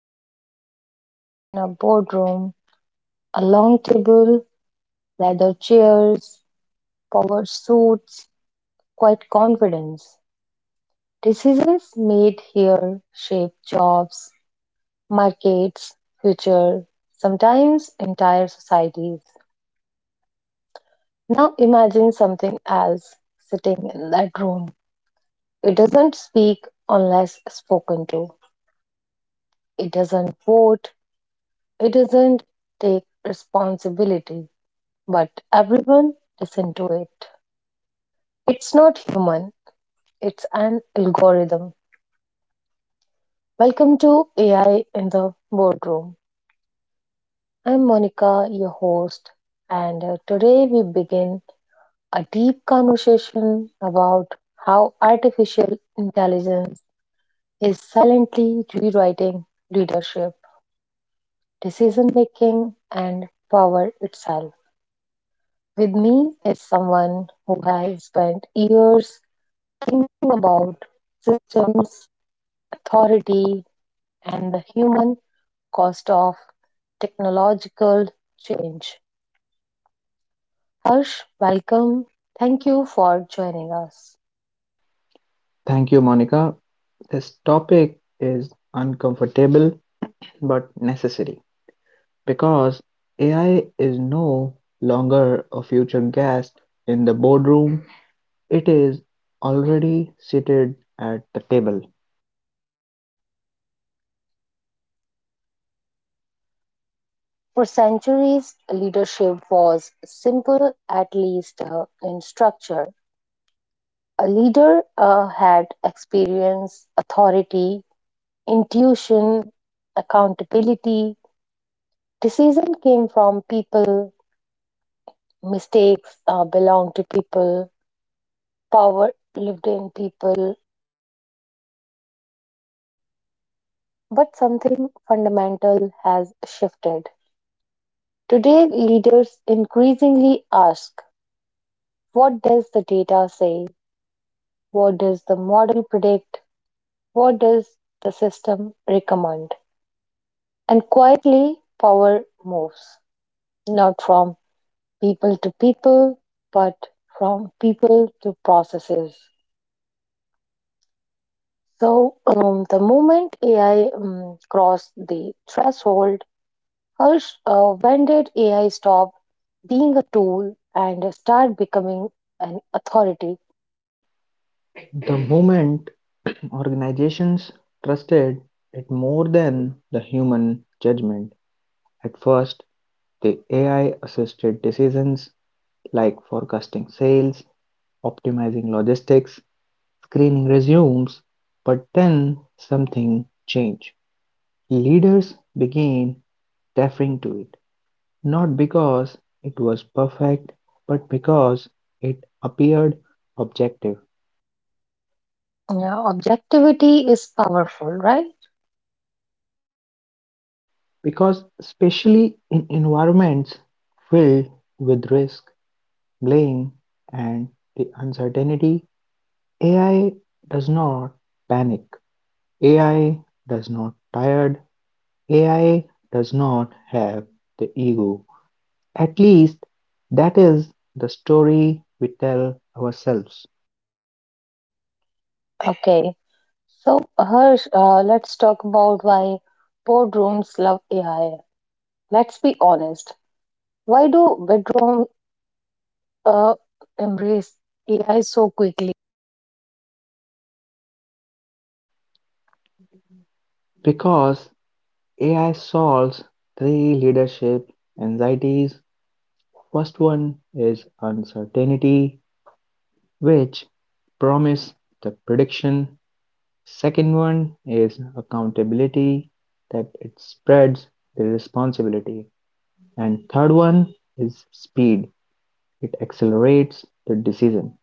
moment. Imagine a boardroom, a long table, leather chairs, powered suits, quiet confidence. Decisions made here shape jobs, markets, future, sometimes entire societies. Now imagine something else sitting in that room. It doesn't speak unless spoken to. It doesn't vote. It doesn't take responsibility but everyone is into it. It's not human, it's an algorithm. Welcome to AI in the Boardroom. I'm Monica, your host, and today we begin a deep conversation about how artificial intelligence is silently rewriting leadership, decision making, and power itself. With me is someone who has spent years thinking about systems authority, and the human cost of technological change. Harsh, welcome. Thank you for joining us. Thank you, Monica. This topic is uncomfortable but necessary because AI is no longer a future guest in the boardroom, it is already seated at the table. For centuries, leadership was simple, at least in structure. A leader had experience, authority, intuition, accountability. Decision came from people, mistakes belong to people, power lived in people, but something fundamental has shifted. Today, leaders increasingly ask, what does the data say? What does the model predict? What does the system recommend? And quietly, power moves not from people to people, but from people to processes. So, the moment AI crossed the threshold, Harsh, when did AI stop being a tool and start becoming an authority? The moment organizations trusted it more than the human judgment, at first the AI assisted decisions like forecasting sales, optimizing logistics, screening resumes, but then something changed. Leaders began deferring to it, not because it was perfect, but because it appeared objective. Yeah, objectivity is powerful, right? Yes, because especially in environments filled with risk, blame, and the uncertainty, AI does not panic. AI does not tired. AI does not have the ego. At least, that is the story we tell ourselves, Okay. So, Harsh, let's talk about why boardrooms love AI. Let's be honest. Why do bedroom uh, embrace AI so quickly? because AI solves three leadership anxieties. First one is uncertainty, which promise the prediction. Second one is accountability, that it spreads the responsibility. And third one is speed, it accelerates the decision.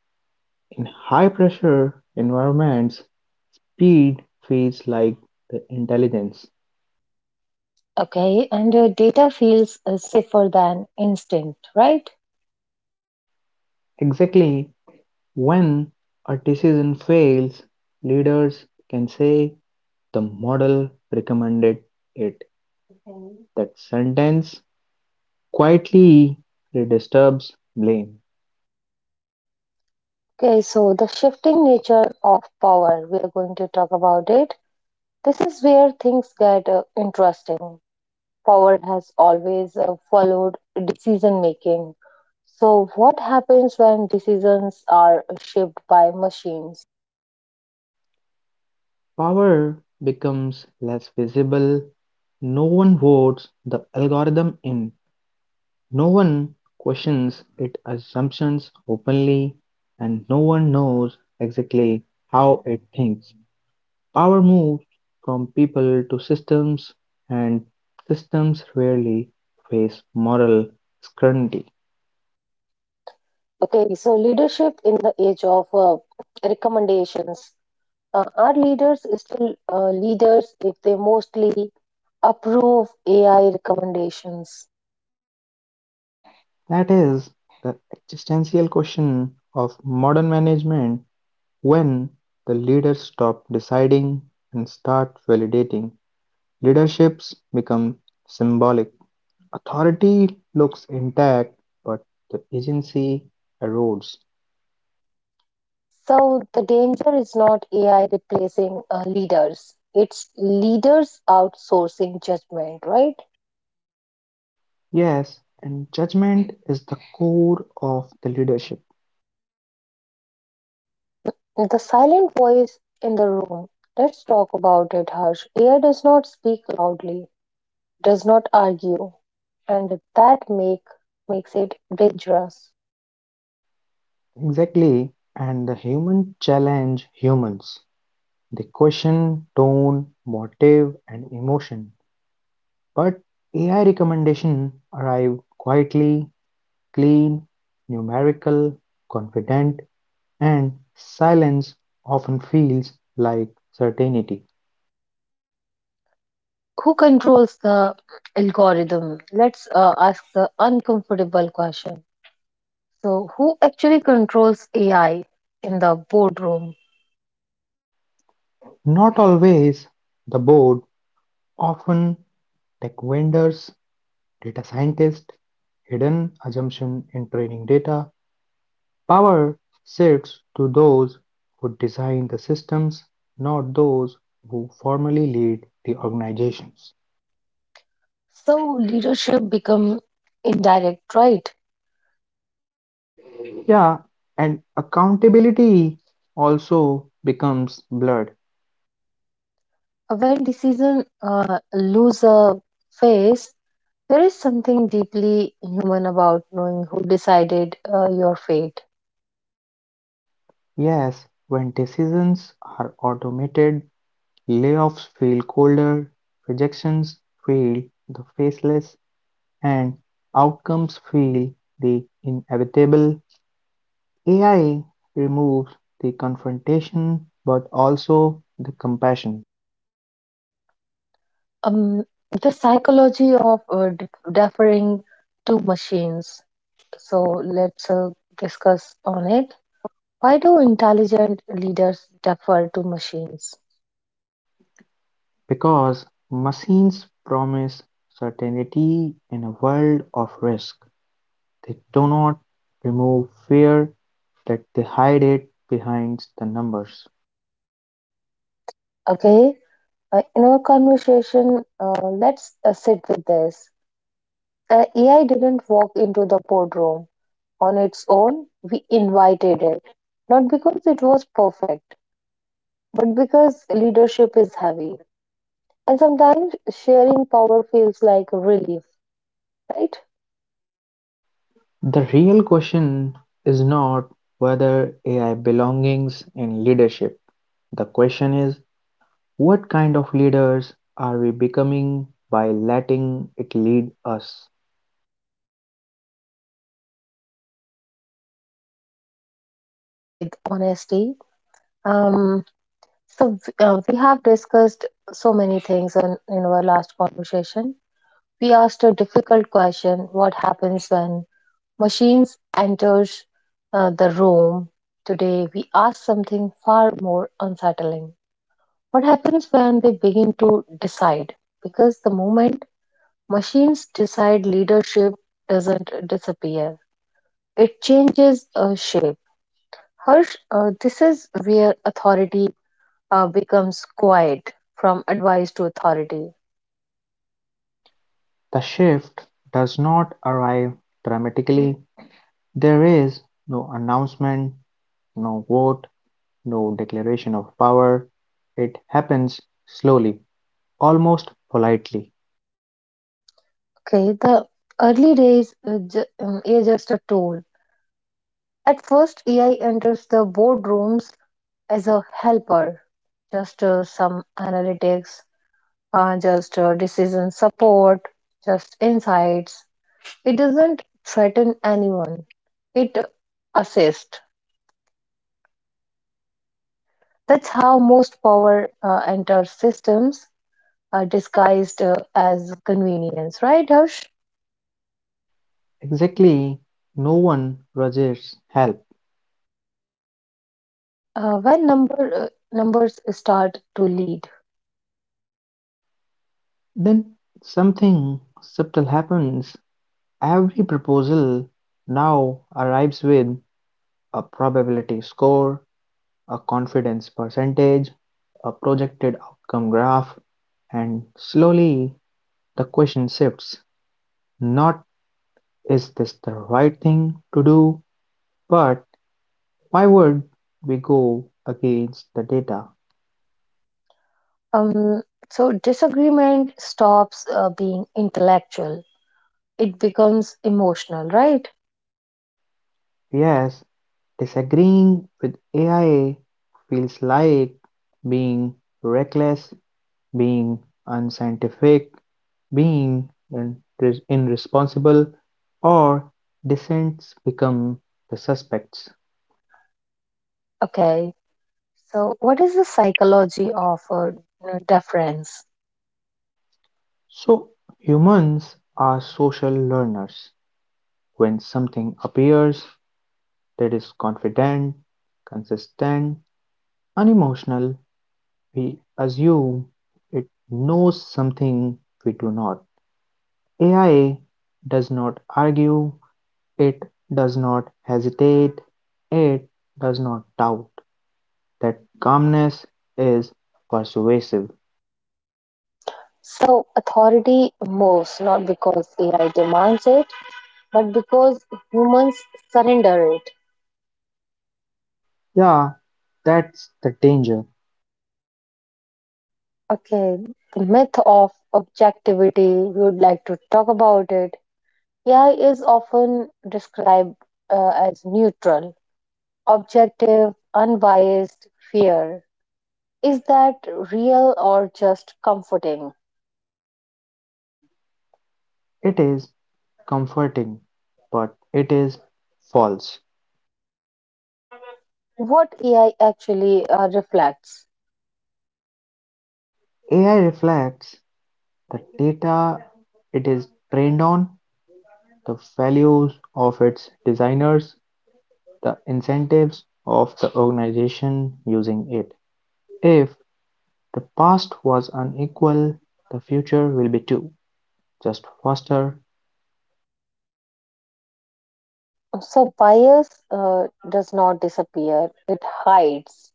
In high pressure environments, speed feels like the intelligence. Okay, and data feels safer than instinct, right? Exactly, when a decision fails, leaders can say, "The model recommended it." That sentence quietly redistributes blame. Okay, so the shifting nature of power, we are going to talk about it. This is where things get interesting. Power has always followed decision making. So, what happens when decisions are shaped by machines? Power becomes less visible. No one votes the algorithm in, no one questions its assumptions openly, and no one knows exactly how it thinks. Power moved from people to systems, and systems rarely face moral scrutiny. Okay, so leadership in the age of recommendations. Are leaders still leaders if they mostly approve AI recommendations? That is the existential question of modern management when the leaders stop deciding and start validating. Leaderships become symbolic. Authority looks intact, but the agency erodes. So, the danger is not AI replacing leaders, it's leaders outsourcing judgment, right? Yes, and judgment is the core of the leadership. The silent voice in the room. Let's talk about it, Harsh. AI does not speak loudly, does not argue, and that makes it dangerous. Exactly. And the human challenge humans. They question tone, motive, and emotion. But AI recommendation arrive quietly, clean, numerical, confident, and silence often feels like certainty. Who controls the algorithm? Let's ask the uncomfortable question. So, who actually controls AI in the boardroom? Not always the board, often tech vendors, data scientists, hidden assumption in training data. Power sits to those who design the systems, not those who formally lead the organizations. So, leadership become indirect, right? Yeah, and accountability also becomes blurred. When decision lose a face, there is something deeply human about knowing who decided your fate. Yes, when decisions are automated, layoffs feel colder, rejections feel the faceless, and outcomes feel the inevitable. AI removes the confrontation but also the compassion, Um, the psychology of deferring to machines. So let's discuss on it. Why do intelligent leaders defer to machines? because machines promise certainty in a world of risk. They do not remove fear, that they hide it behind the numbers. Okay, in our conversation, let's sit with this. AI didn't walk into the boardroom on its own. We invited it, not because it was perfect but because leadership is heavy. And sometimes sharing power feels like relief, right? The real question is not whether AI belongs in leadership. The question is what kind of leaders are we becoming by letting it lead us? With honesty. Um, so we have discussed so many things in our last conversation. We asked a difficult question: what happens when machines enters the room? Today we ask something far more unsettling. What happens when they begin to decide? Because the moment machines decide, leadership doesn't disappear, it changes a shape. Harsh, this is where authority becomes quiet, from advice to authority. The shift does not arrive dramatically. There is no announcement, no vote, no declaration of power. It happens slowly, almost politely. Okay, the early days is just a tool. At first, AI enters the boardrooms as a helper, just some analytics, just decision support, just insights. It doesn't threaten anyone, it assists. That's how most power enter systems are disguised as convenience, right, Harsh? Exactly, no one rushes help. When numbers start to lead, Then something subtle happens. Every proposal now arrives with a probability score, a confidence percentage, a projected outcome graph, and slowly the question shifts, not is this the right thing to do, but why would we go against the data? um, so disagreement stops being intellectual. It becomes emotional, right? Yes, disagreeing with AI feels like being reckless, being unscientific, being irresponsible, or dissents become the suspects. Okay. So, what is the psychology of deference? So humans are social learners. When something appears that is confident, consistent, unemotional, we assume it knows something we do not. AI does not argue, it does not hesitate, it does not doubt. That calmness is persuasive. So, authority moves not because AI demands it but because humans surrender it. Yeah, that's the danger. Okay, the myth of objectivity, we would like to talk about it. AI is often described as neutral, objective, unbiased, fair. Is that real or just comforting? It is comforting, but it is false. What AI actually reflects? AI reflects the data it is trained on, the values of its designers, the incentives of the organization using it. If the past was unequal, the future will be too, just faster. So, bias does not disappear, it hides.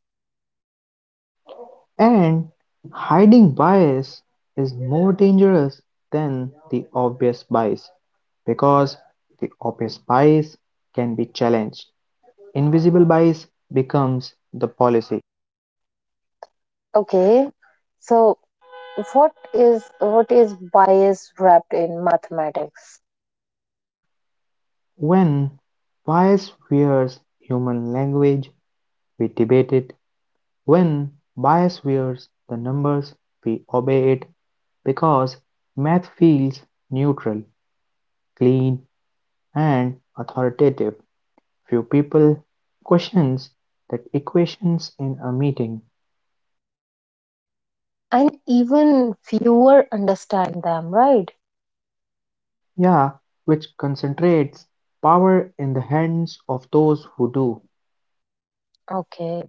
And hiding bias is more dangerous than the obvious bias because the obvious bias can be challenged. Invisible bias becomes the policy Okay, so what is, what is bias wrapped in mathematics, when bias wears human language, we debate it. When bias wears the numbers, we obey it because math feels neutral, clean, and authoritative. Few people questions that equations in a meeting. and even fewer understand them, right? Yeah, which concentrates power in the hands of those who do. Okay,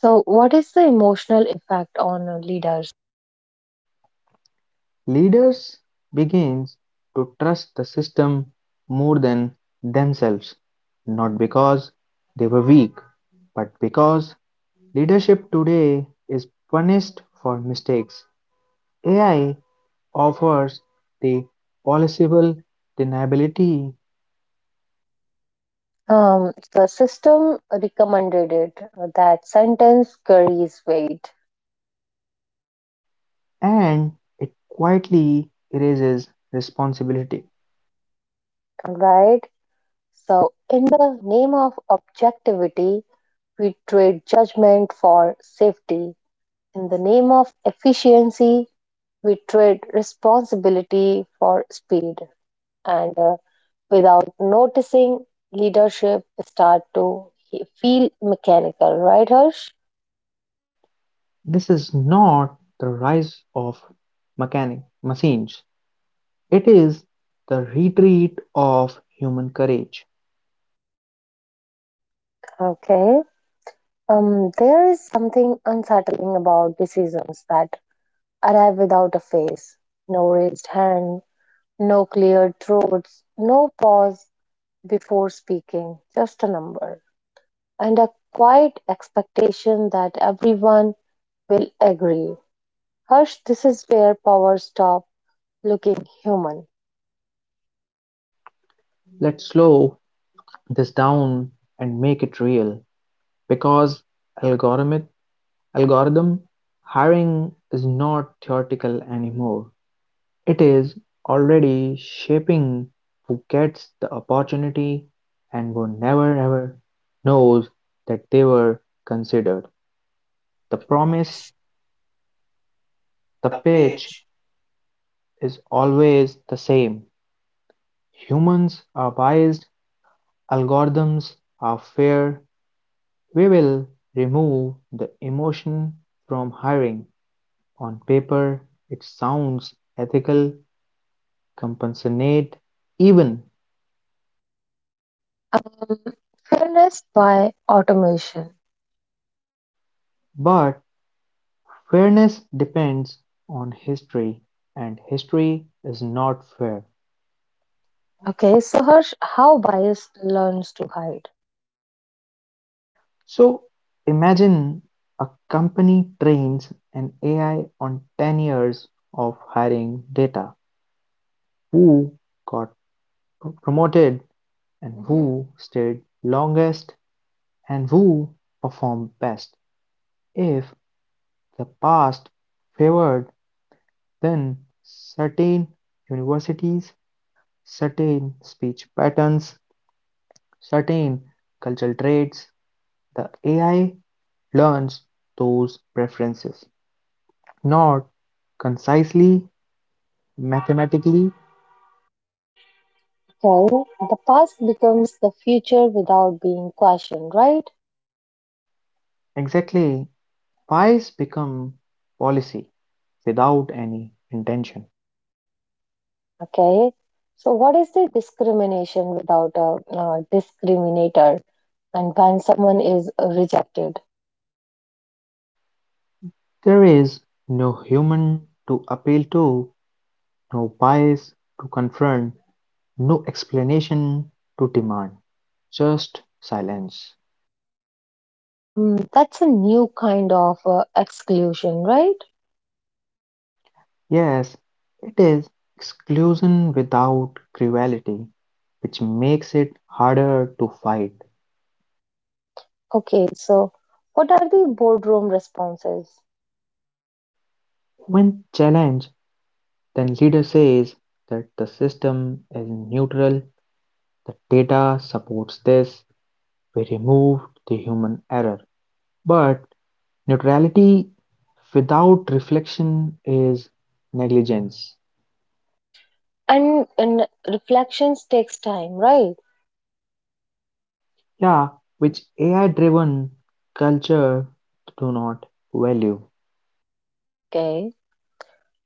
so what is the emotional effect on leaders? Leaders begins to trust the system more than themselves, not because they were weak, but because leadership today is punished for mistakes. AI offers the possible deniability The system recommended it, that sentence carries weight, and it quietly erases responsibility. right? So, in the name of objectivity we trade judgment for safety, in the name of efficiency we trade responsibility for speed, and without noticing leadership start to feel mechanical, right, Harsh? This is not the rise of mechanic machines. It is the retreat of human courage. Okay. There is something unsettling about decisions that arrive without a face, no raised hand, no clear throats, no pause before speaking, just a number and a quiet expectation that everyone will agree. Harsh, this is where power stops looking human. Let's slow this down and make it real because algorithmic algorithm hiring is not theoretical anymore. It is already shaping who gets the opportunity and who never ever knows that they were considered. The promise, the pitch is always the same. Humans are biased, algorithms are fair, we will remove the emotion from hiring. On paper it sounds ethical, compensate even, Um, Fairness by automation. but fairness depends on history, and history is not fair. Okay, so Harsh, how bias learns to hide. So imagine a company trains an AI on 10 years of hiring data. Who got promoted? And who stayed longest and who performed best? If the past favored then certain universities, certain speech patterns, certain cultural traits, the AI learns those preferences, not concisely, mathematically. Okay, the past becomes the future without being questioned, right? Exactly, pies become policy without any intention. Okay. So, what is the discrimination without a discriminator, and when someone is rejected? There is no human to appeal to, no bias to confront, no explanation to demand, just silence. Mm, that's a new kind of exclusion, right? Yes, it is exclusion without cruelty, which makes it harder to fight. Okay. So, what are the boardroom responses? When challenged, then leader says that the system is neutral, the data supports this, we removed the human error. But neutrality without reflection is negligence, And reflections takes time, right? yeah, which AI-driven culture do not value. Okay.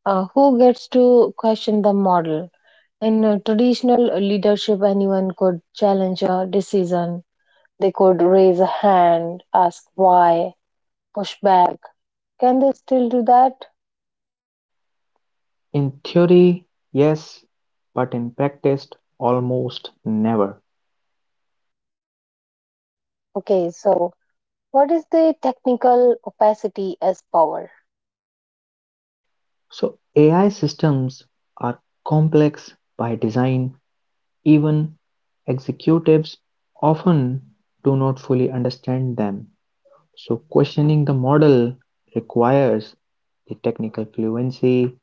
Who gets to question the model? In traditional leadership, anyone could challenge a decision. They could raise a hand, ask why, push back. Can they still do that? In theory, yes, but in practice, almost never. Okay, so what is the technical opacity as power? So AI systems are complex by design. Even executives often do not fully understand them. So questioning the model requires the technical fluency,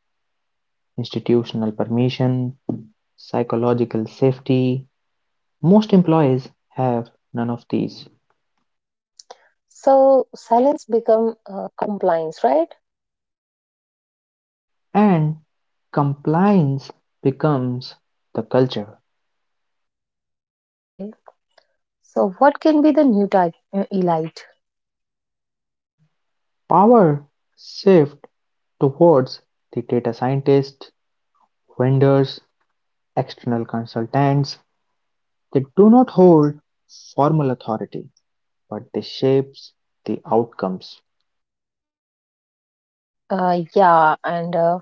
institutional permission, psychological safety. Most employees have none of these, So silence become compliance, right? and compliance becomes the culture. Okay. So what can be the new type elite? Power shift towards the data scientists, vendors, external consultants. They do not hold formal authority, but they shapes the outcomes. Yeah, and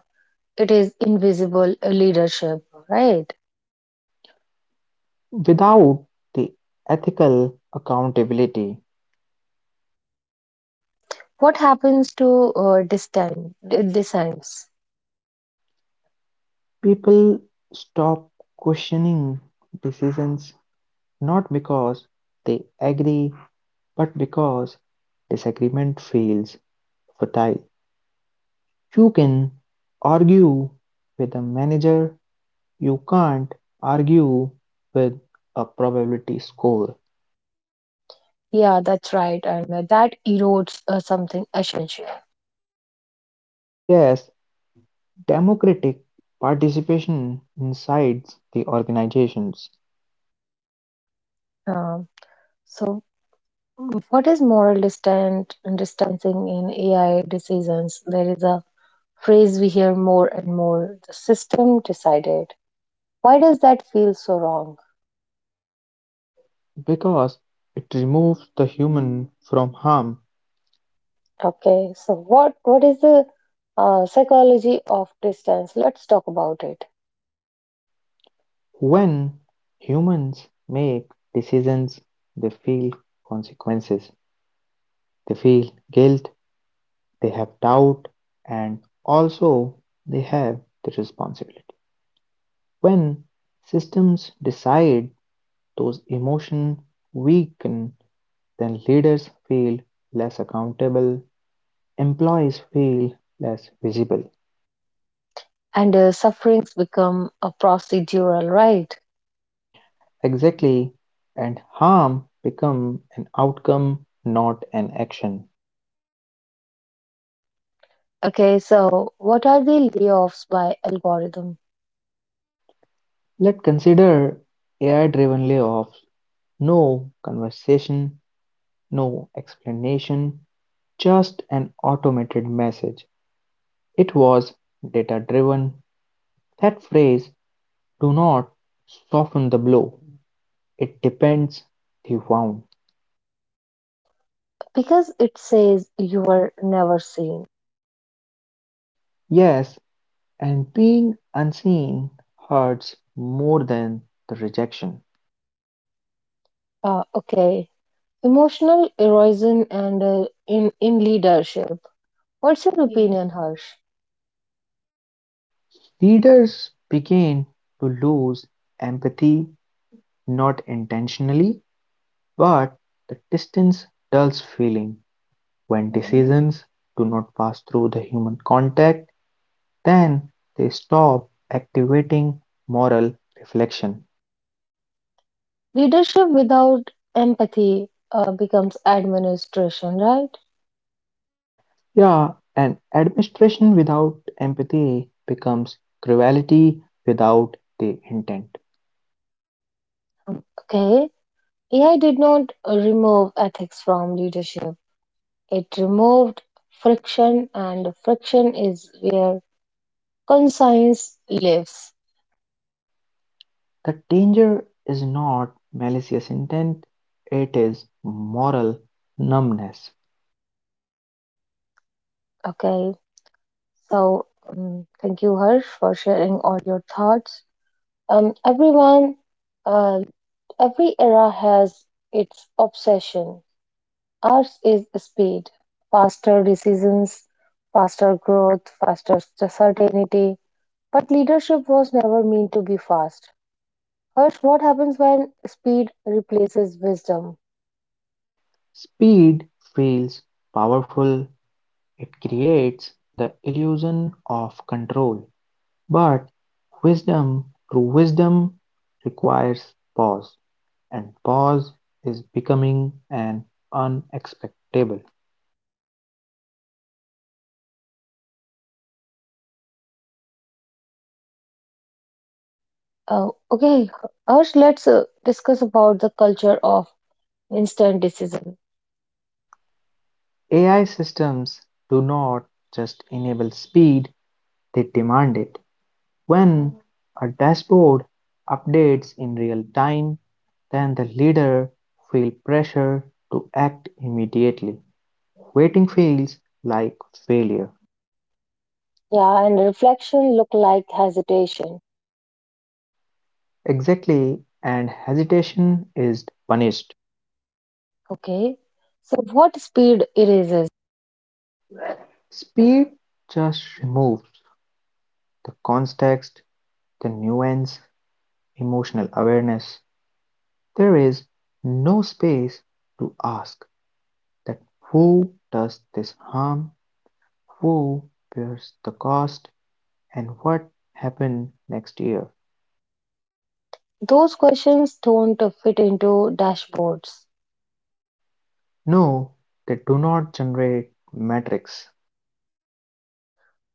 it is invisible leadership, right? Without the ethical accountability, Um, What happens to designs? people stop questioning decisions not because they agree but because disagreement feels futile. You can argue with a manager, you can't argue with a probability score. Yeah, that's right, and that erodes something essential. Yes, democratic participation incites the organizations Um, so, what is moral distant distancing in AI decisions? There is a phrase we hear more and more: the system decided. Why does that feel so wrong? because it removes the human from harm. Okay, so what is the psychology of distance? Let's talk about it. When humans make decisions, they feel consequences, they feel guilt, they have doubt, and also they have the responsibility. When systems decide, those emotions weaken, then leaders feel less accountable, employees feel less visible. And sufferings become a procedural, right? Exactly, and harm become an outcome, not an action. Okay, so what are the layoffs by algorithm? Let's consider AI-driven layoffs: no conversation, no explanation, just an automated message. It was data-driven. That phrase, do not soften the blow. It depends, they found. Because it says you were never seen. Yes, and being unseen hurts more than the rejection. Okay, emotional erosion and in leadership. What's your opinion, Harsh? Leaders began to lose empathy, not intentionally, but the distance dulls feeling. When decisions do not pass through the human contact, then they stop activating moral reflection. Leadership without empathy becomes administration, right? Yeah, and administration without empathy becomes cruelty without the intent. Okay, AI did not remove ethics from leadership. It removed friction, and friction is where conscience lives. The danger is not malicious intent, it is moral numbness. Okay, so thank you, Harsh, for sharing all your thoughts. Everyone, uh, every era has its obsession. Ours is speed, faster decisions, faster growth, faster certainty. But leadership was never meant to be fast. Harsh, what happens when speed replaces wisdom? Speed feels powerful. It creates the illusion of control, but wisdom, true wisdom, requires pause, and pause is becoming an unexpectable. Okay, Harsh, let's discuss about the culture of instant decision. AI systems do not just enable speed, they demand it. When a dashboard updates in real time, then the leader feels pressure to act immediately. Waiting feels like failure. Yeah, and reflection look like hesitation. Exactly, and hesitation is punished. Okay. So what speed erases? Speed just removes the context, the nuance, emotional awareness. There is no space to ask that who does this harm, who bears the cost, and what happened next year. Those questions don't fit into dashboards. No, they do not generate metrics.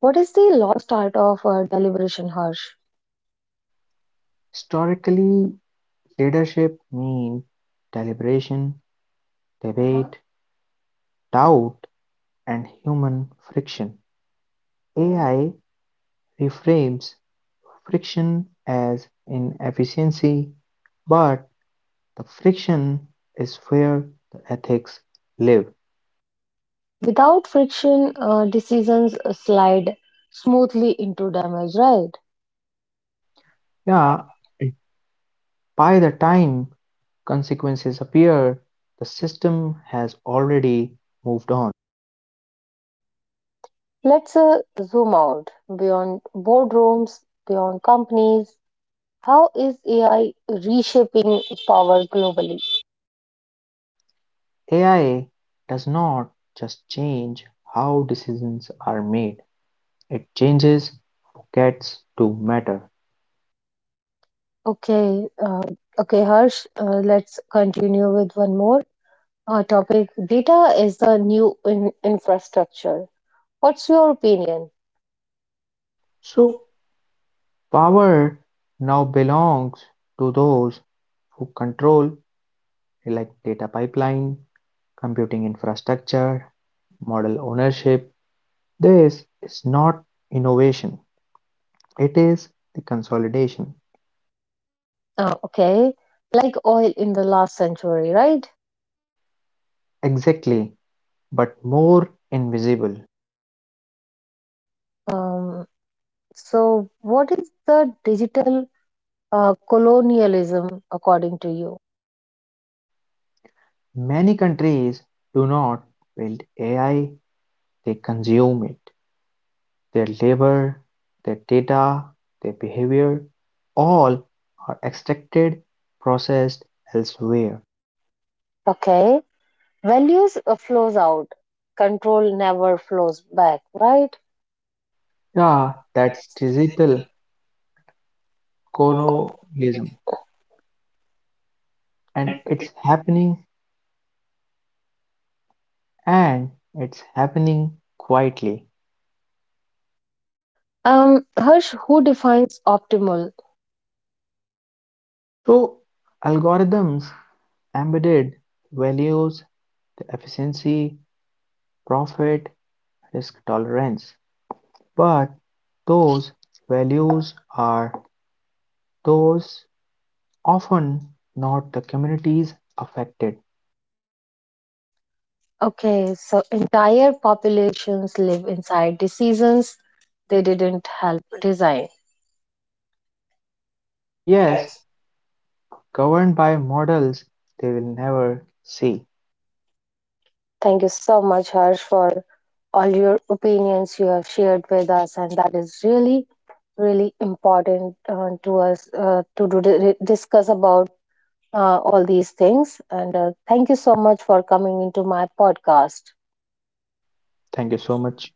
What is the lost art of deliberation, Harsh? Historically, leadership means deliberation, debate, doubt, and human friction. AI reframes friction as inefficiency, but the friction is where the ethics live. Without friction, decisions slide smoothly into damage, right? Yeah, by the time consequences appear, the system has already moved on. Let's zoom out beyond boardrooms, beyond companies. How is AI reshaping power globally? AI does not just change how decisions are made, it changes who gets to matter. Okay, uh, okay, Harsh. Let's continue with one more topic. Data is the new infrastructure. What's your opinion? So, power now belongs to those who control like data pipeline, computing infrastructure, model ownership. This is not innovation, it is the consolidation. Okay, like oil in the last century, right? Exactly, but more invisible. Um, so, what is the digital colonialism according to you? Many countries do not build AI, they consume it. Their labor, their data, their behavior, all are extracted, processed elsewhere. Okay, values flows out, control never flows back, right? Yeah, that's digital colonialism, and it's happening quietly. Harsh, who defines optimal? So, algorithms embedded values, the efficiency, profit, risk tolerance, but those values are those often not the communities affected. Okay, so entire populations live inside decisions they didn't help design. Yes, governed by models they will never see. Thank you so much, Harsh, for all your opinions you have shared with us, and that is really, really important to us to discuss about all these things. And thank you so much for coming into my podcast. Thank you so much.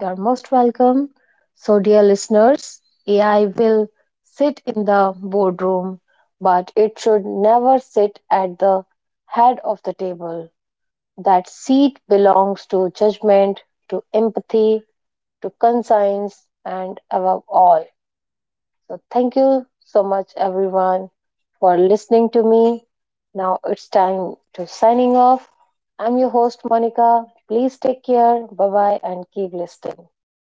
You're most welcome. So, dear listeners, AI will sit in the boardroom, but it should never sit at the head of the table. That seat belongs to judgment, to empathy, to conscience, and above all. So, thank you so much, everyone, for listening to me. Now it's time to signing off. I'm your host, Monica. Please take care. Bye bye, and keep listening.